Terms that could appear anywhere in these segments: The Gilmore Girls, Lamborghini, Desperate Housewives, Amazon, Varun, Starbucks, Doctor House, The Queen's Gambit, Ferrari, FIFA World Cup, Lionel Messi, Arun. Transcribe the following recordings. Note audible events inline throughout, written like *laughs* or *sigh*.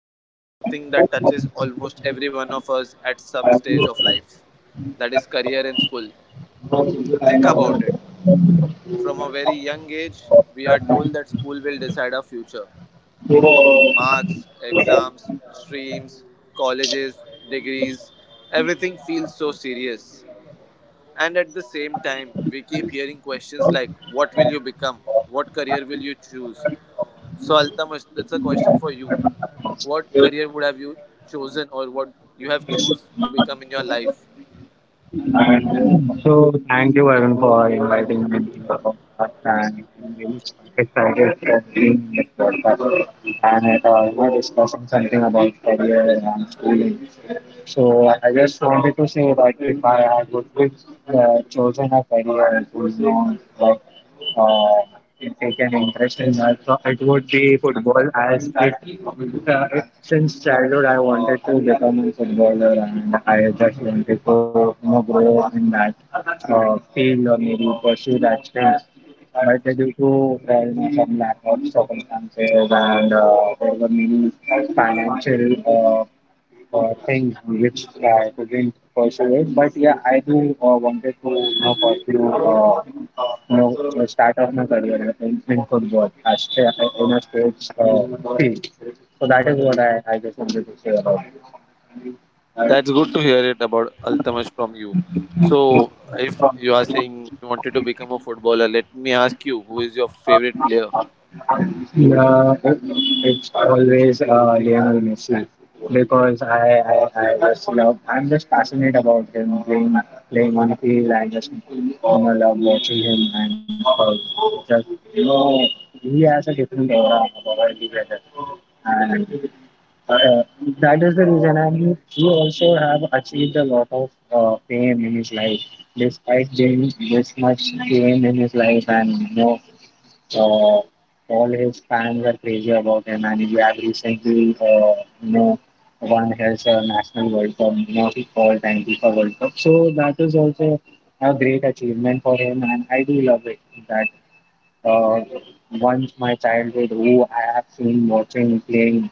topic is something that touches almost every one of us at some stage of life, that is, career and school. Think about it. From a very young age, we are told that school will decide our future: marks, exams, streams, colleges, degrees, everything feels so serious. And at the same time, we keep hearing questions like what will you become? What career will you choose? So Altamish, that's a question for you. What career would have you chosen, or what you have choose to become in your life? And so thank you, Arun, for inviting me to your podcast. And I'm really excited for being in this podcast. And I thought we are discussing something about career and schooling. So I just wanted to say that if I would be, chosen a career, it would be like uh, take an interest in that. So it would be football as it since childhood I wanted to become a footballer and I just wanted to you know grow in that field or maybe pursue that thing. But due to well, some lack of circumstances and there were many financial things which I couldn't pursue it. But yeah, I do wanted to you know, pursue you know, the start of my career in football as in a sports field. So that is what I just wanted to say about it. That's good to hear it about Altamash from you. So if you are saying you wanted to become a footballer, let me ask you, who is your favorite player? Yeah, it's always Lionel Messi. Because I just love, I'm just passionate about him playing, playing on the field. I just you know, love watching him and just, you know, he has a different aura about every other. And uh, that is the reason, and he also have achieved a lot of fame in his life, despite doing this much fame in his life, and you know, uh, all his fans are crazy about him, and he have recently, you know, won his national World Cup, you know, he called and FIFA World Cup. So that is also a great achievement for him, and I do love it that uh, once my childhood who I have seen watching playing,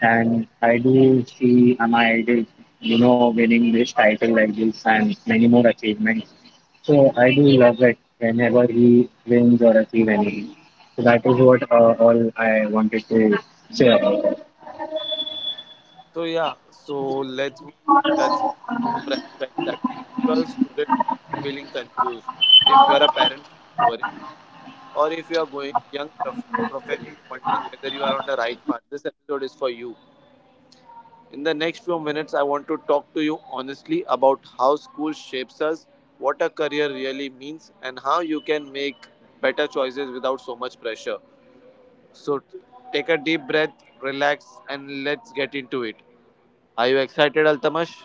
and I do see my idols, you know, winning this title like this and many more achievements. So I do love it whenever he wins or achieve anything. So that is what all I wanted to say about it. So yeah, so let me touch some of the more aspects. That is, if you are a student feeling confused, if you are a parent feeling worried, or if you are going young professional wondering whether you are on the right path, this episode is for you. In the next few minutes, I want to talk to you honestly about how school shapes us, what a career really means, and how you can make better choices without so much pressure. So, take a deep breath, relax, and let's get into it. Are you excited, Altamash?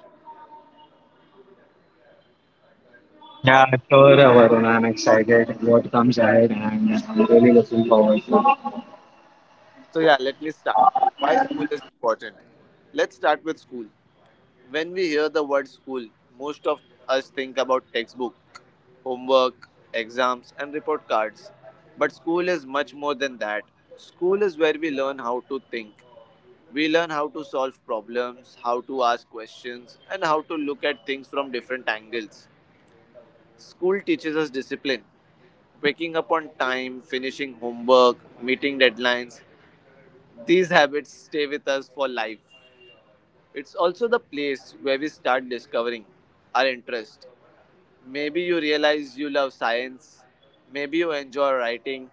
Sure, Varun, I'm excited what comes ahead and I'm really looking forward to So, yeah, let me start. Why school is important? Let's start with school. When we hear the word school, most of us think about textbook, homework, exams, and report cards. But school is much more than that. School is where we learn how to think. We learn how to solve problems, how to ask questions, and how to look at things from different angles. School teaches us discipline. Waking up on time, finishing homework, meeting deadlines, these habits stay with us for life. It's also the place where we start discovering our interests. Maybe you realize you love science. Maybe you enjoy writing.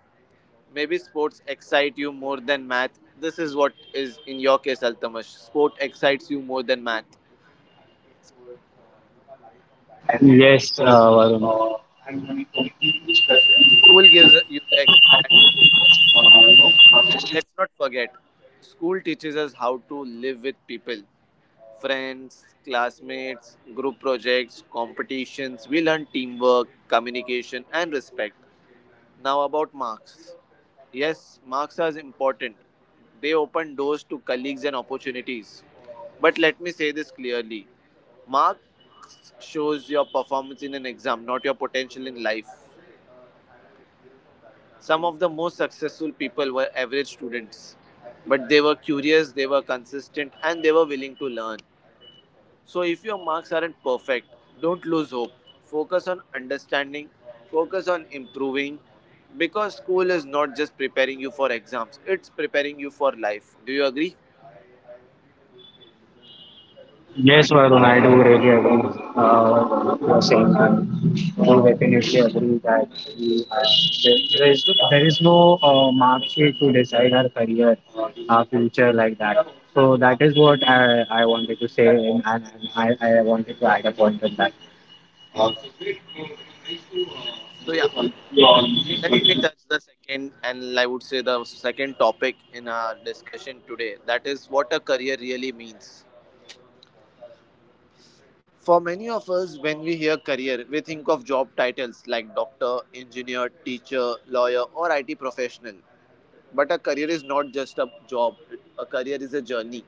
Maybe sports excite you more than math. This is what is in your case, Altamash. Sport excites you more than math. it. Yes, Varun. School gives you the that exposure. And let's not forget, school teaches us how to live with people: friends, classmates, group projects, competitions. We learn teamwork, communication, and respect. Now, about marks. Yes, marks are important. They open doors to colleagues and opportunities. But let me say this clearly: marks shows your performance in an exam, not your potential in life. Some of the most successful people were average students, but they were curious, they were consistent, and they were willing to learn. So, if your marks aren't perfect, don't lose hope. Focus on understanding, focus on improving, because school is not just preparing you for exams, it's preparing you for life. Do you agree? Yes, Varun, I do really agree what you are saying. That. I do definitely agree that we have, there is no mark sheet to decide our career, our future like that. So that is what I wanted to say, and I wanted to add a point on that. So, yeah, let me touch the second, and I would say the second topic in our discussion today, that is what a career really means. For many of us, when we hear career, we think of job titles like doctor, engineer, teacher, lawyer, or IT professional. But a career is not just a job, a career is a journey.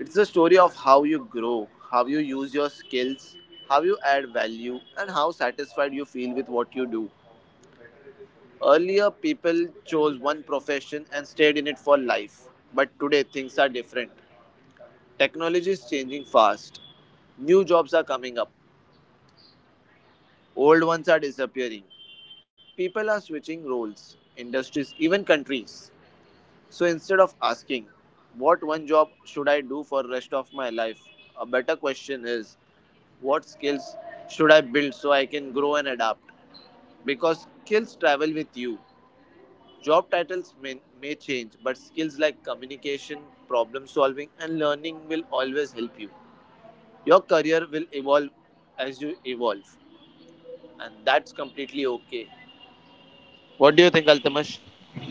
It's the story of how you grow, how you use your skills, how you add value, and how satisfied you feel with what you do. Earlier, people chose one profession and stayed in it for life. But today, things are different. Technology is changing fast. New jobs are coming up, old ones are disappearing. People are switching roles, industries, even countries. So instead of asking, what one job should I do for rest of my life? A better question is, what skills should I build so I can grow and adapt? Because skills travel with you. Job titles may change, but skills like communication, problem solving, and learning will always help you. Your career will evolve as you evolve, and that's completely okay. What do you think, Altamash?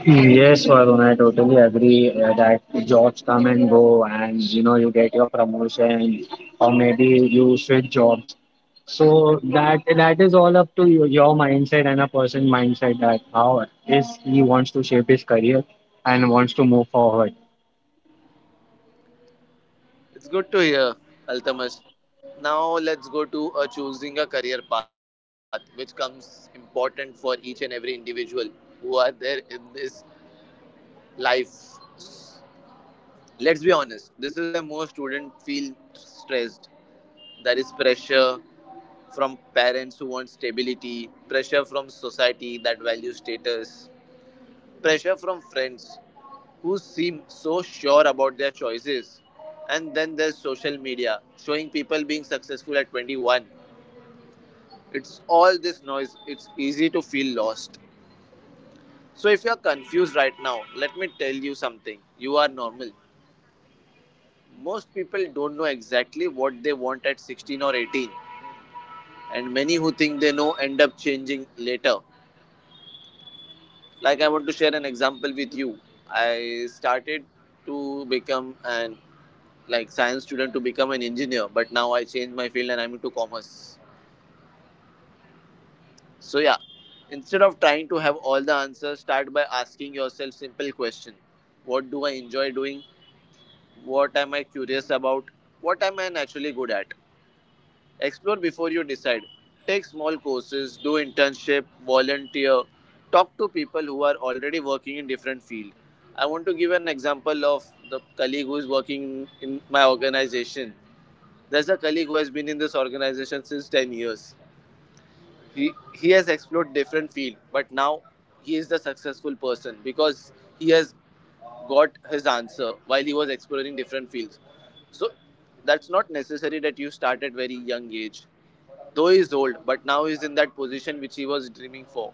Yes, Varun, I totally agree that jobs come and go, and you know, you get your promotion, or maybe you switch jobs. So that is all up to you, your mindset and a person mindset that how is he wants to shape his career and wants to move forward. It's good to hear, Altamash. Now let's go to a choosing a career path, which comes important for each and every individual who are there in this life. Let's be honest, this is where most students feel stressed. There is pressure from parents who want stability, pressure from society that values status, pressure from friends who seem so sure about their choices. And then there's social media showing people being successful at 21. It's all this noise, it's easy to feel lost. So, if you're confused right now, let me tell you something. You are normal. Most people don't know exactly what they want at 16 or 18, and many who think they know end up changing later. Like, I want to share an example with you. I started to become an like science student to become an engineer, but now I changed my field and I'm into commerce. So yeah, instead of trying to have all the answers, start by asking yourself simple question. What do I enjoy doing? What am I curious about? What am I naturally good at? Explore before you decide. Take small courses, do internship, volunteer, talk to people who are already working in different field. I want to give an example of the colleague who is working in my organization. There's a colleague who has been in this organization since 10 years. He has explored different field, but now he is the successful person because he has got his answer while he was exploring different fields. So that's not necessary that you start at very young age. Though he's old, but now he's in that position which he was dreaming for.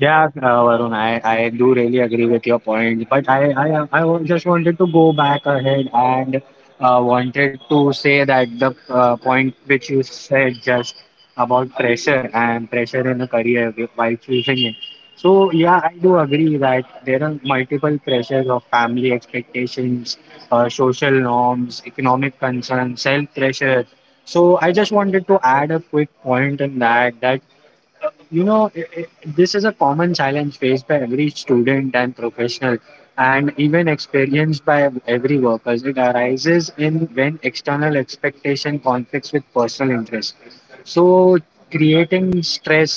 Yeah, Varun, I do really agree with your point, but I just wanted to go back ahead and wanted to say that the point which you said just about pressure and pressure in a career while choosing it. So, yeah, I do agree that there are multiple pressures of family expectations, social norms, economic concerns, self pressure. So, I just wanted to add a quick point in that that you know I this is a common challenge faced by every student and professional, and even experienced by every worker. It arises in when external expectation conflicts with personal interest, so creating stress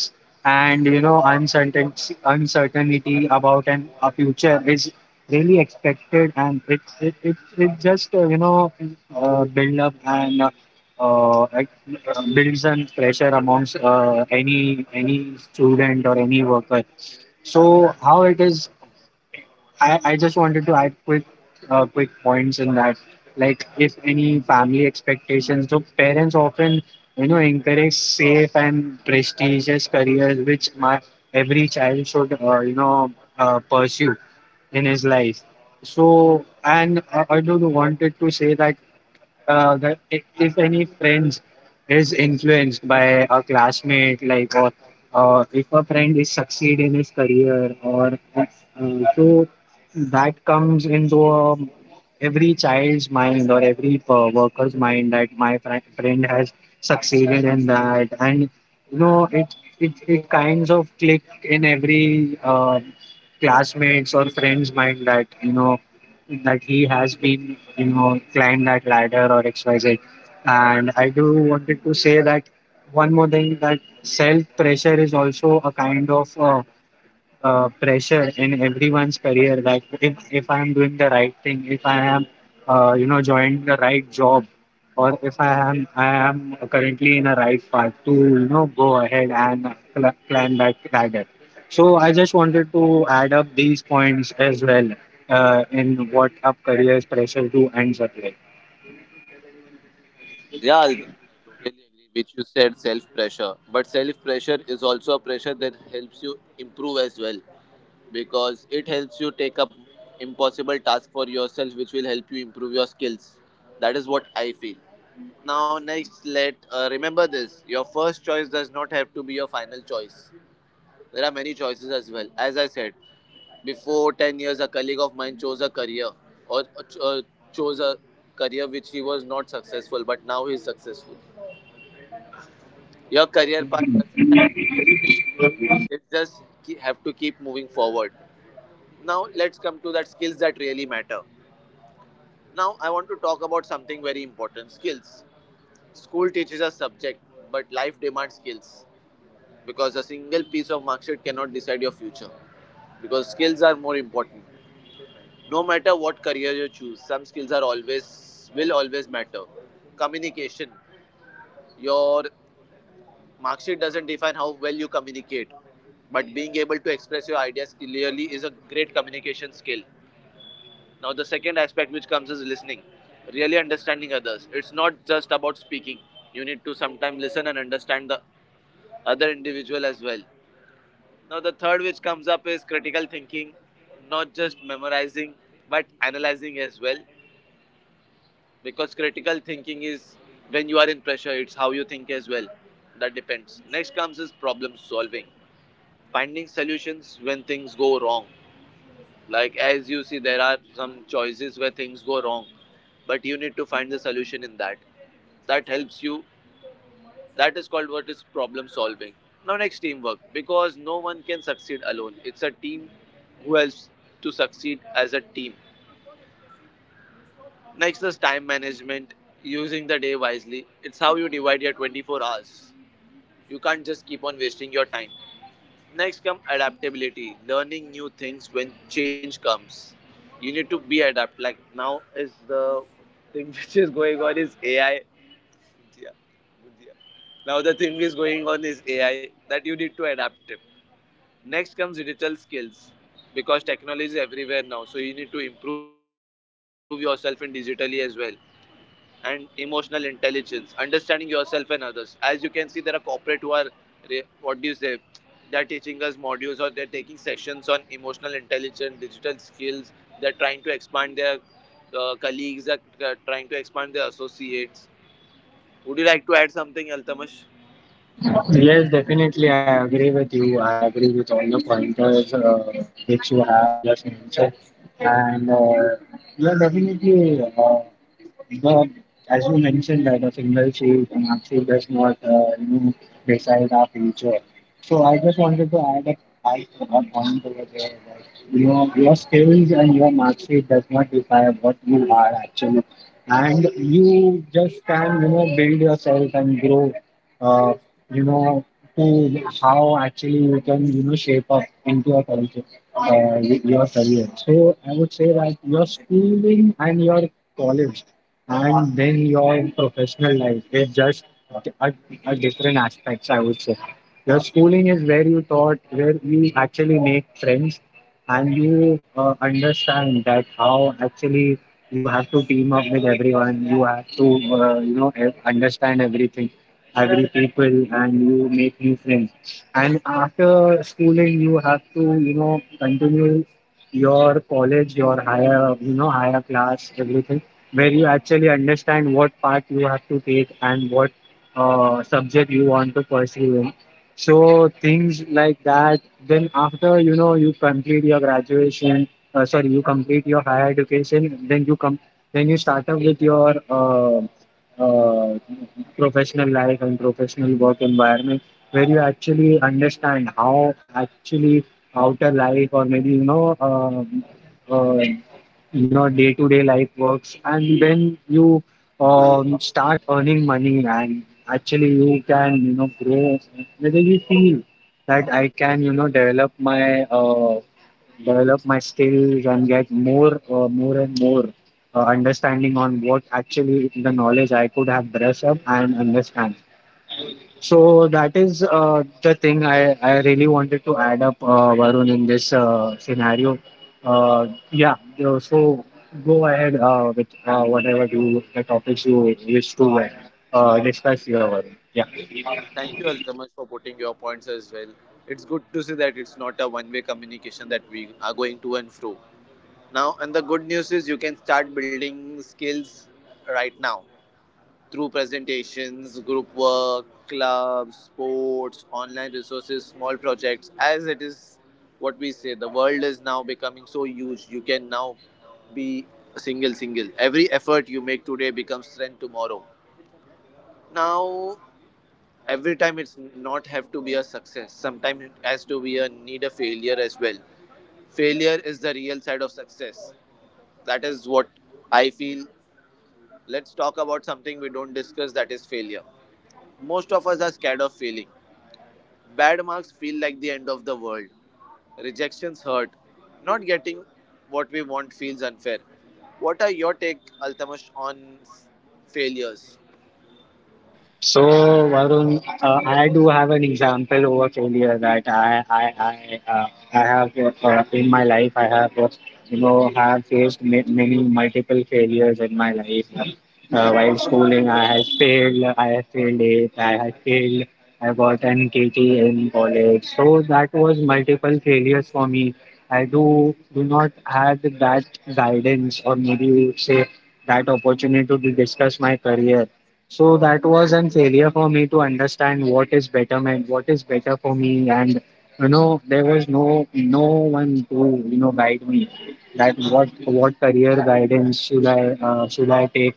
and you know uncertainty about an a future is really expected, and it just you know build up and uh, ac- builds and pressure amongst any student or any worker. So how it is, I just wanted to add quick quick points in that, like if any family expectations. So parents often you know encourage safe and prestigious careers, which my every child should you know pursue in his life. So, and I don't wanted to say that that if any friends is influenced by a classmate, like or if a friend is succeed in his career, or so that comes into every child's mind or every worker's mind that my friend has succeeded in that, and you know it kinds of click in every classmates or friends mind that you know that he has been, you know, climbed that ladder or XYZ. And I do wanted to say that one more thing that self pressure is also a kind of pressure in everyone's career that if I am doing the right thing, if I am you know joined the right job, or if I am currently in a right path to you know go ahead and climb that ladder. So I just wanted to add up these points as well in what up careers pressure to ends up like. Yeah Aldous, I totally agree which you said self pressure, but self pressure is also a pressure that helps you improve as well, because it helps you take up impossible task for yourself which will help you improve your skills. That is what I feel. Now next, let remember this: your first choice does not have to be your final choice. There are many choices as well. As I said, before 10 years a colleague of mine chose a career, or chose a career which he was not successful, but now he is successful. Your career path doesn't have to be straight, it just have to keep moving forward. Now let's come to that skills that really matter. Now, I want to talk about something very important: skills. School teaches a subject, but life demands skills, because a single piece of mark sheet cannot decide your future, because skills are more important. No matter what career you choose, some skills are always will always matter. Communication. Your mark sheet doesn't define how well you communicate, but being able to express your ideas clearly is a great communication skill. Now, the second aspect which comes is listening, really understanding others. It's not just about speaking, you need to sometimes listen and understand the other individual as well. Now, the third which comes up is critical thinking, not just memorizing but analyzing as well, because critical thinking is when you are in pressure, it's how you think as well. That depends. Next comes is problem solving, finding solutions when things go wrong. Like as you see, there are some choices where things go wrong, but you need to find the solution in that. That helps you. That is called what is problem solving. Now next teamwork, because no one can succeed alone. It's a team who helps to succeed as a team. Next is time management, using the day wisely. It's how you divide your 24 hours. You can't just keep on wasting your time. Next comes adaptability, learning new things when change comes. You need to be adapt. Like now is the thing *laughs* which is going on is AI. Yeah, yeah. Now the thing is going on is AI that you need to adapt it. Next comes digital skills, because technology is everywhere now. So you need to improve yourself in digitally as well, and emotional intelligence, understanding yourself and others. As you can see, there are corporate who are what do you say? They're teaching us modules or they're taking sessions on emotional intelligence, digital skills. They're trying to expand their colleagues. Are trying to expand their associates. Would you like to add something, Altamash? Yes, definitely. I agree with you. I agree with all the pointers which you have just mentioned. And yeah, definitely, the, as you mentioned, that a single sheet and actually does not you know, decide our future. So I just wanted to add a point over there that your skills and your mark sheet does not decide what you are actually. And you just can, you know, build yourself and grow uh, you know, to how actually you can, you know, shape up into a culture, your career. So I would say that your schooling and your college and then your professional life is just a, a different aspects, I would say. Your schooling is where you thought where you actually make friends and you understand that how actually you have to team up with everyone. You have to you know understand everything, every people, and you make new friends. And after schooling, you have to, you know, continue your college, your higher, you know, higher class, everything, where you actually understand what part you have to take and what subject you want to pursue in. So things like that. Then after, you know, you complete your graduation, sorry, you complete your higher education, then you come, then you start up with your uh, professional life and professional work environment where you actually understand how actually outer life or maybe you know uh, your day-to-day life works, and when you start earning money and actually you can you know grow whether you feel that I can you know develop my skills and get more more and more understanding on what actually the knowledge I could have brushed up and understand. So that is the thing I really wanted to add up, Varun, in this scenario. Uh, yeah, so go ahead with whatever the topics you wish to discuss here, Varun. Yeah. Thank you, Altamash, for putting your points as well. It's good to see that it's not a one-way communication that we are going to and fro. Now, and the good news is you can start building skills right now, through presentations, group work, clubs, sports, online resources, small projects. As it is what we say, the world is now becoming so huge. You can now be single, single. Every effort you make today becomes strength tomorrow. Now, every time it's not have to be a success. Sometimes it has to be a need a failure as well. Failure is the real side of success. That is what I feel. Let's talk about something we don't discuss, that is failure. Most of us are scared of failing. Bad marks feel like the end of the world. Rejections hurt. Not getting what we want feels unfair. What are your take, Altamash, on failures? So, Varun, I do have an example over failure that I have in my life. I have you know have faced many multiple failures in my life. While schooling, I have failed. I have failed it. I have failed. I got an KT in college. So that was multiple failures for me. I do not have that guidance, or maybe you would say that opportunity to discuss my career. So that was a failure for me to understand what is betterment, what is better for me, and you know there was no one to you know guide me that what career guidance should I should I take.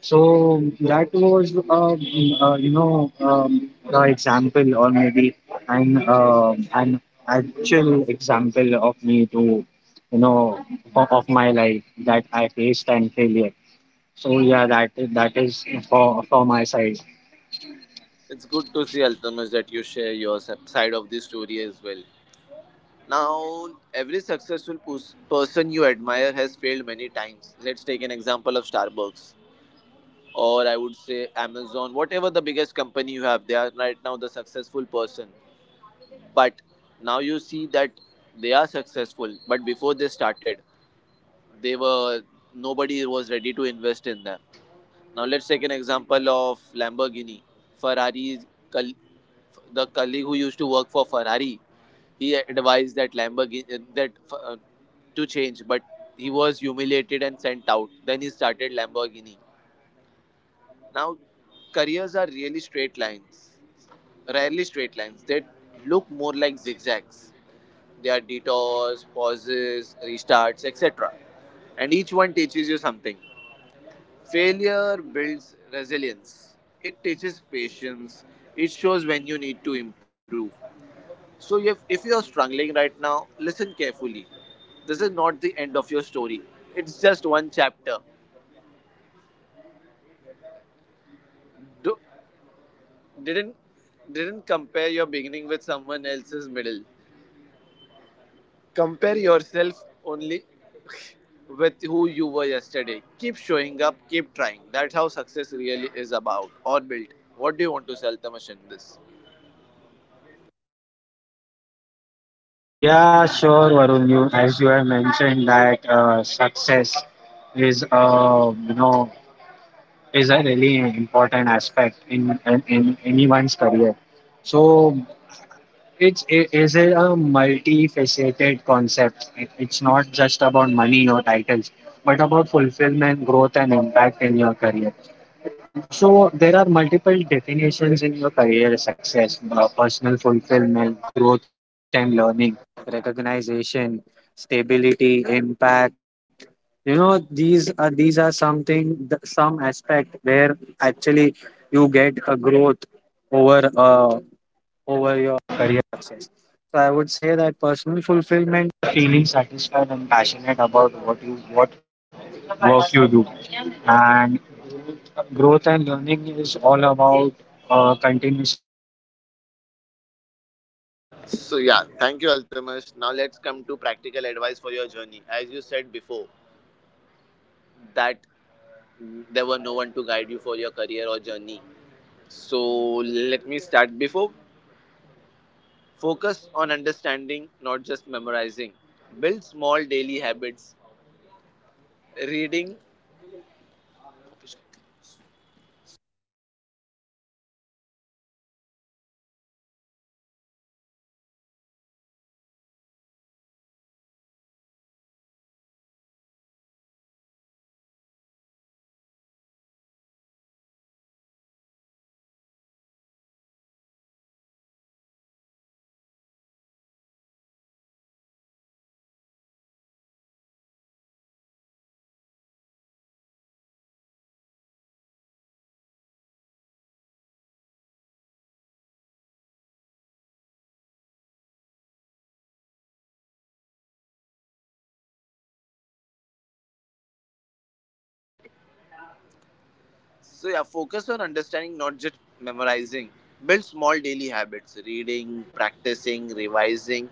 So that was you know the example, or maybe an actual example of me to you know of my life that I faced and failure. So yeah, that that is for my side. It's good to see, Altamash, that you share your side of the story as well. Now, every successful person you admire has failed many times. Let's take an example of Starbucks, or I would say Amazon, whatever the biggest company you have, they are right now the successful person. But now you see that they are successful, but before they started, they were, nobody was ready to invest in them. Now let's take an example of Lamborghini. Ferrari's, the colleague who used to work for Ferrari, he advised that Lamborghini that to change, but he was humiliated and sent out. Then he started Lamborghini. Now careers are really straight lines, rarely straight lines, they look more like zigzags. There are detours, pauses, restarts, etc. And each one teaches you something. Failure builds resilience. It teaches patience. It shows when you need to improve. So if you are struggling right now, listen carefully. This is not the end of your story. It's just one chapter. Do, didn't didn't compare your beginning with someone else's middle. Compare yourself only with who you were yesterday. Keep showing up, keep trying. That's how success really is about or built. What do you want to say, Altamash, in this? Yeah, sure, Varun. You as you have mentioned that success is you know is a really important aspect in in anyone's career. So it is a multifaceted concept. It, it's not just about money or titles, but about fulfillment, growth, and impact in your career. So there are multiple definitions in your career success, personal fulfillment. So yeah, thank you, Altamash. Now let's come to practical advice for your journey. As you said before, that there were no one to guide you for your career or journey. So let me start. Before, focus on understanding, not just memorizing. Build small daily habits. Reading. So yeah, focus on understanding, not just memorizing. Build small daily habits: reading, practicing, revising.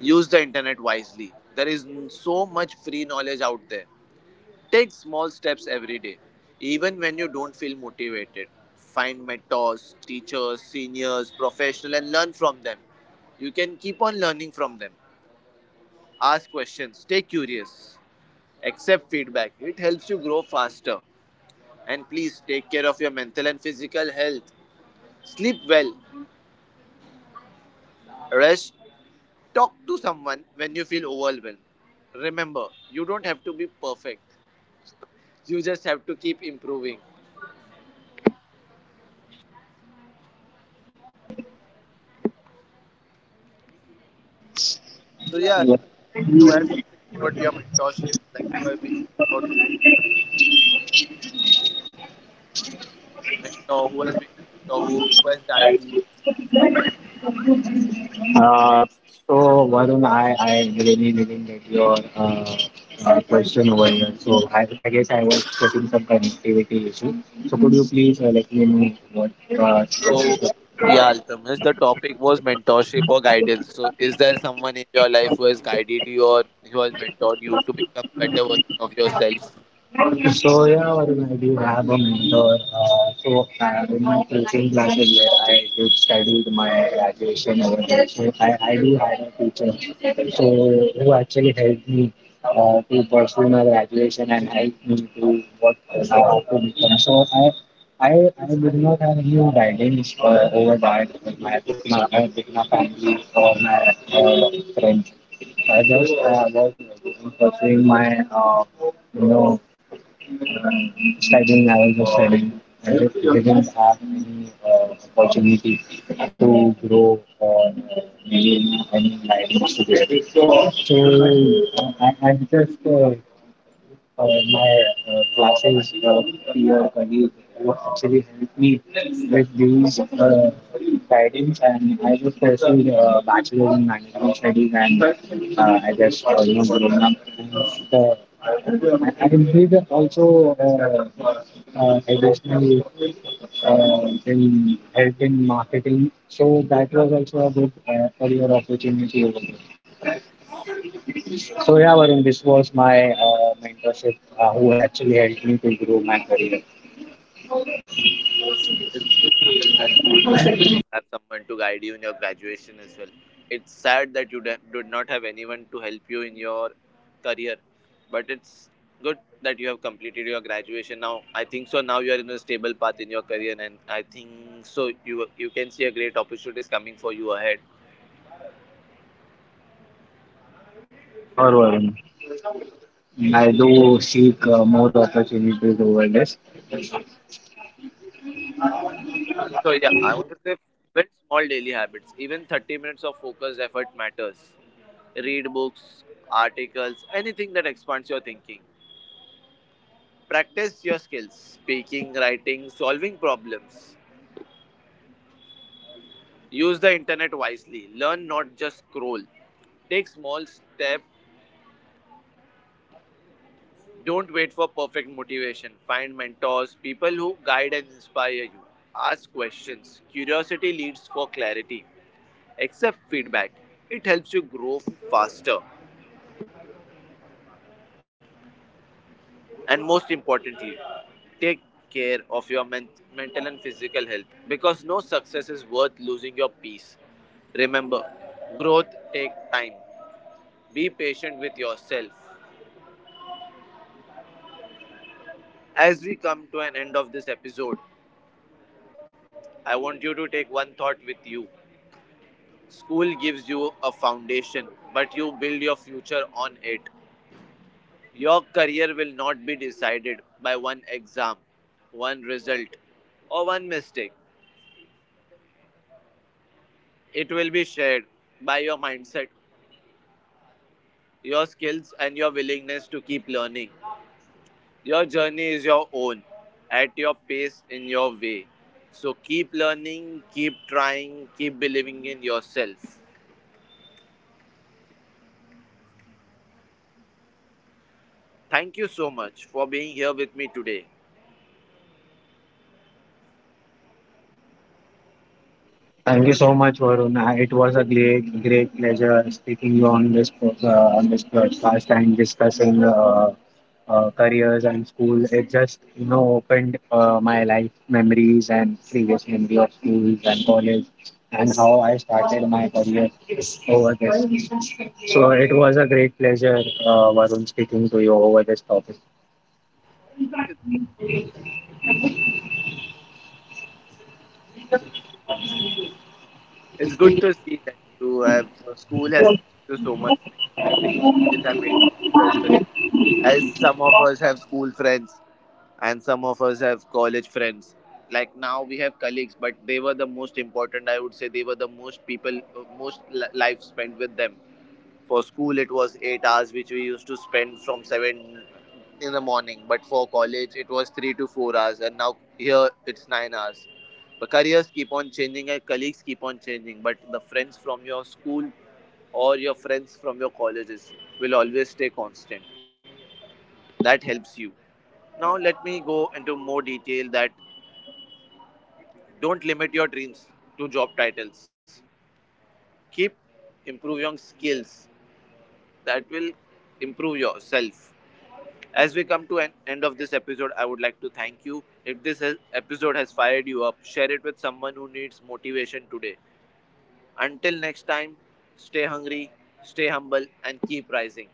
Use the internet wisely. There is so much free knowledge out there. Take small steps every day, even when you don't feel motivated. Find mentors, teachers, seniors, professionals, and learn from them. You can keep on learning from them. Ask questions. Stay curious. Accept feedback. It helps you grow faster. And please take care of your mental and physical health. Sleep well, rest, talk to someone when you feel overwhelmed. Remember, you don't have to be perfect. You just have to keep improving. So yeah, if Yeah. you want to add something about your mentorship, like who has been a mentor to you, mentor, who has been a mentor, who has guided you. Uh, so Varun, I really get your question over here. So I guess I was getting some connectivity issue. So could you please let me know what uh, So yeah, Altamish, the topic was mentorship or guidance. So is there someone in your life who has guided you or who has mentored you to become a better version of yourself? So yeah, Varun, I do have a mentor. In my coaching classes where I did studied my graduation over there, so I do have a teacher. So who actually helped me to pursue my graduation and helped me to what I have to become. So I, I did not have any guidance over that with my with my family or my friends. I just was pursuing my you know uh, studying, I was just studying. I just didn't have any opportunity to grow or any guidance to get. So I'm just uh, my classes, peer, colleague, who actually helped me with these guidance, and I just pursued bachelor in management studies, and I just you know grown up. And I did also additional in help in marketing, so that was also a good career opportunity over there. So yeah, Varun, this was my mentorship, who actually helped me to grow my career. It's good to hear that, Alchemist, that you have someone to guide you in your graduation as well. It's sad that you did not have anyone to help you in your career, but it's good that you have completed your graduation now. I think so. Now you are in a stable path in your career, and I think so. You can see a great opportunities coming for you ahead. Yeah, sure, Varun. I do seek more opportunities over this. So yeah, I want to say build small daily habits. Even 30 minutes of focused effort matters. Read books, articles, anything that expands your thinking. Practice your skills speaking, writing, solving problems. Use the internet wisely. Learn, not just scroll. Take small steps. Don't wait for perfect motivation. Find mentors, people who guide and inspire you. Ask questions. Curiosity leads for clarity. Accept feedback. It helps you grow faster. And most importantly, take care of your mental and physical health, because no success is worth losing your peace. Remember, growth takes time. Be patient with yourself. As we come to an end of this episode, I want you to take one thought with you. School gives you a foundation, but you build your future on it. Your career will not be decided by one exam, one result, or one mistake. It will be shared by your mindset, your skills, and your willingness to keep learning. Your journey is your own, at your pace, in your way. So keep learning, keep trying, keep believing in yourself. Thank you so much for being here with me today. Thank you so much, Varun. It was a great, great pleasure speaking you on this on this podcast and discussing careers and school. It just you know opened my life memories and previous memory of schools and college, and how I started my career over this. So it was a great pleasure, Varun, speaking to you over this topic. It's good to see that you have school has teaches you so much thing, and the great memories I made in school as well. As some of us have school friends and some of us have college friends, like now we have colleagues, but they were the most important, I would say they were the most people, most life spent with them. For school it was 8 hours which we used to spend from 7 in the morning, but for college it was 3 to 4 hours, and now here it's 9 hours. But careers keep on changing and colleagues keep on changing, but the friends from your school or your friends from your colleges will always stay constant. That helps you. Now let me go into more detail that, don't limit your dreams to job titles. Keep improving skills that will improve yourself. As we come to an end of this episode, I would like to thank you. If this episode has fired you up, share it with someone who needs motivation today. Until next time, stay hungry, stay humble, and keep rising.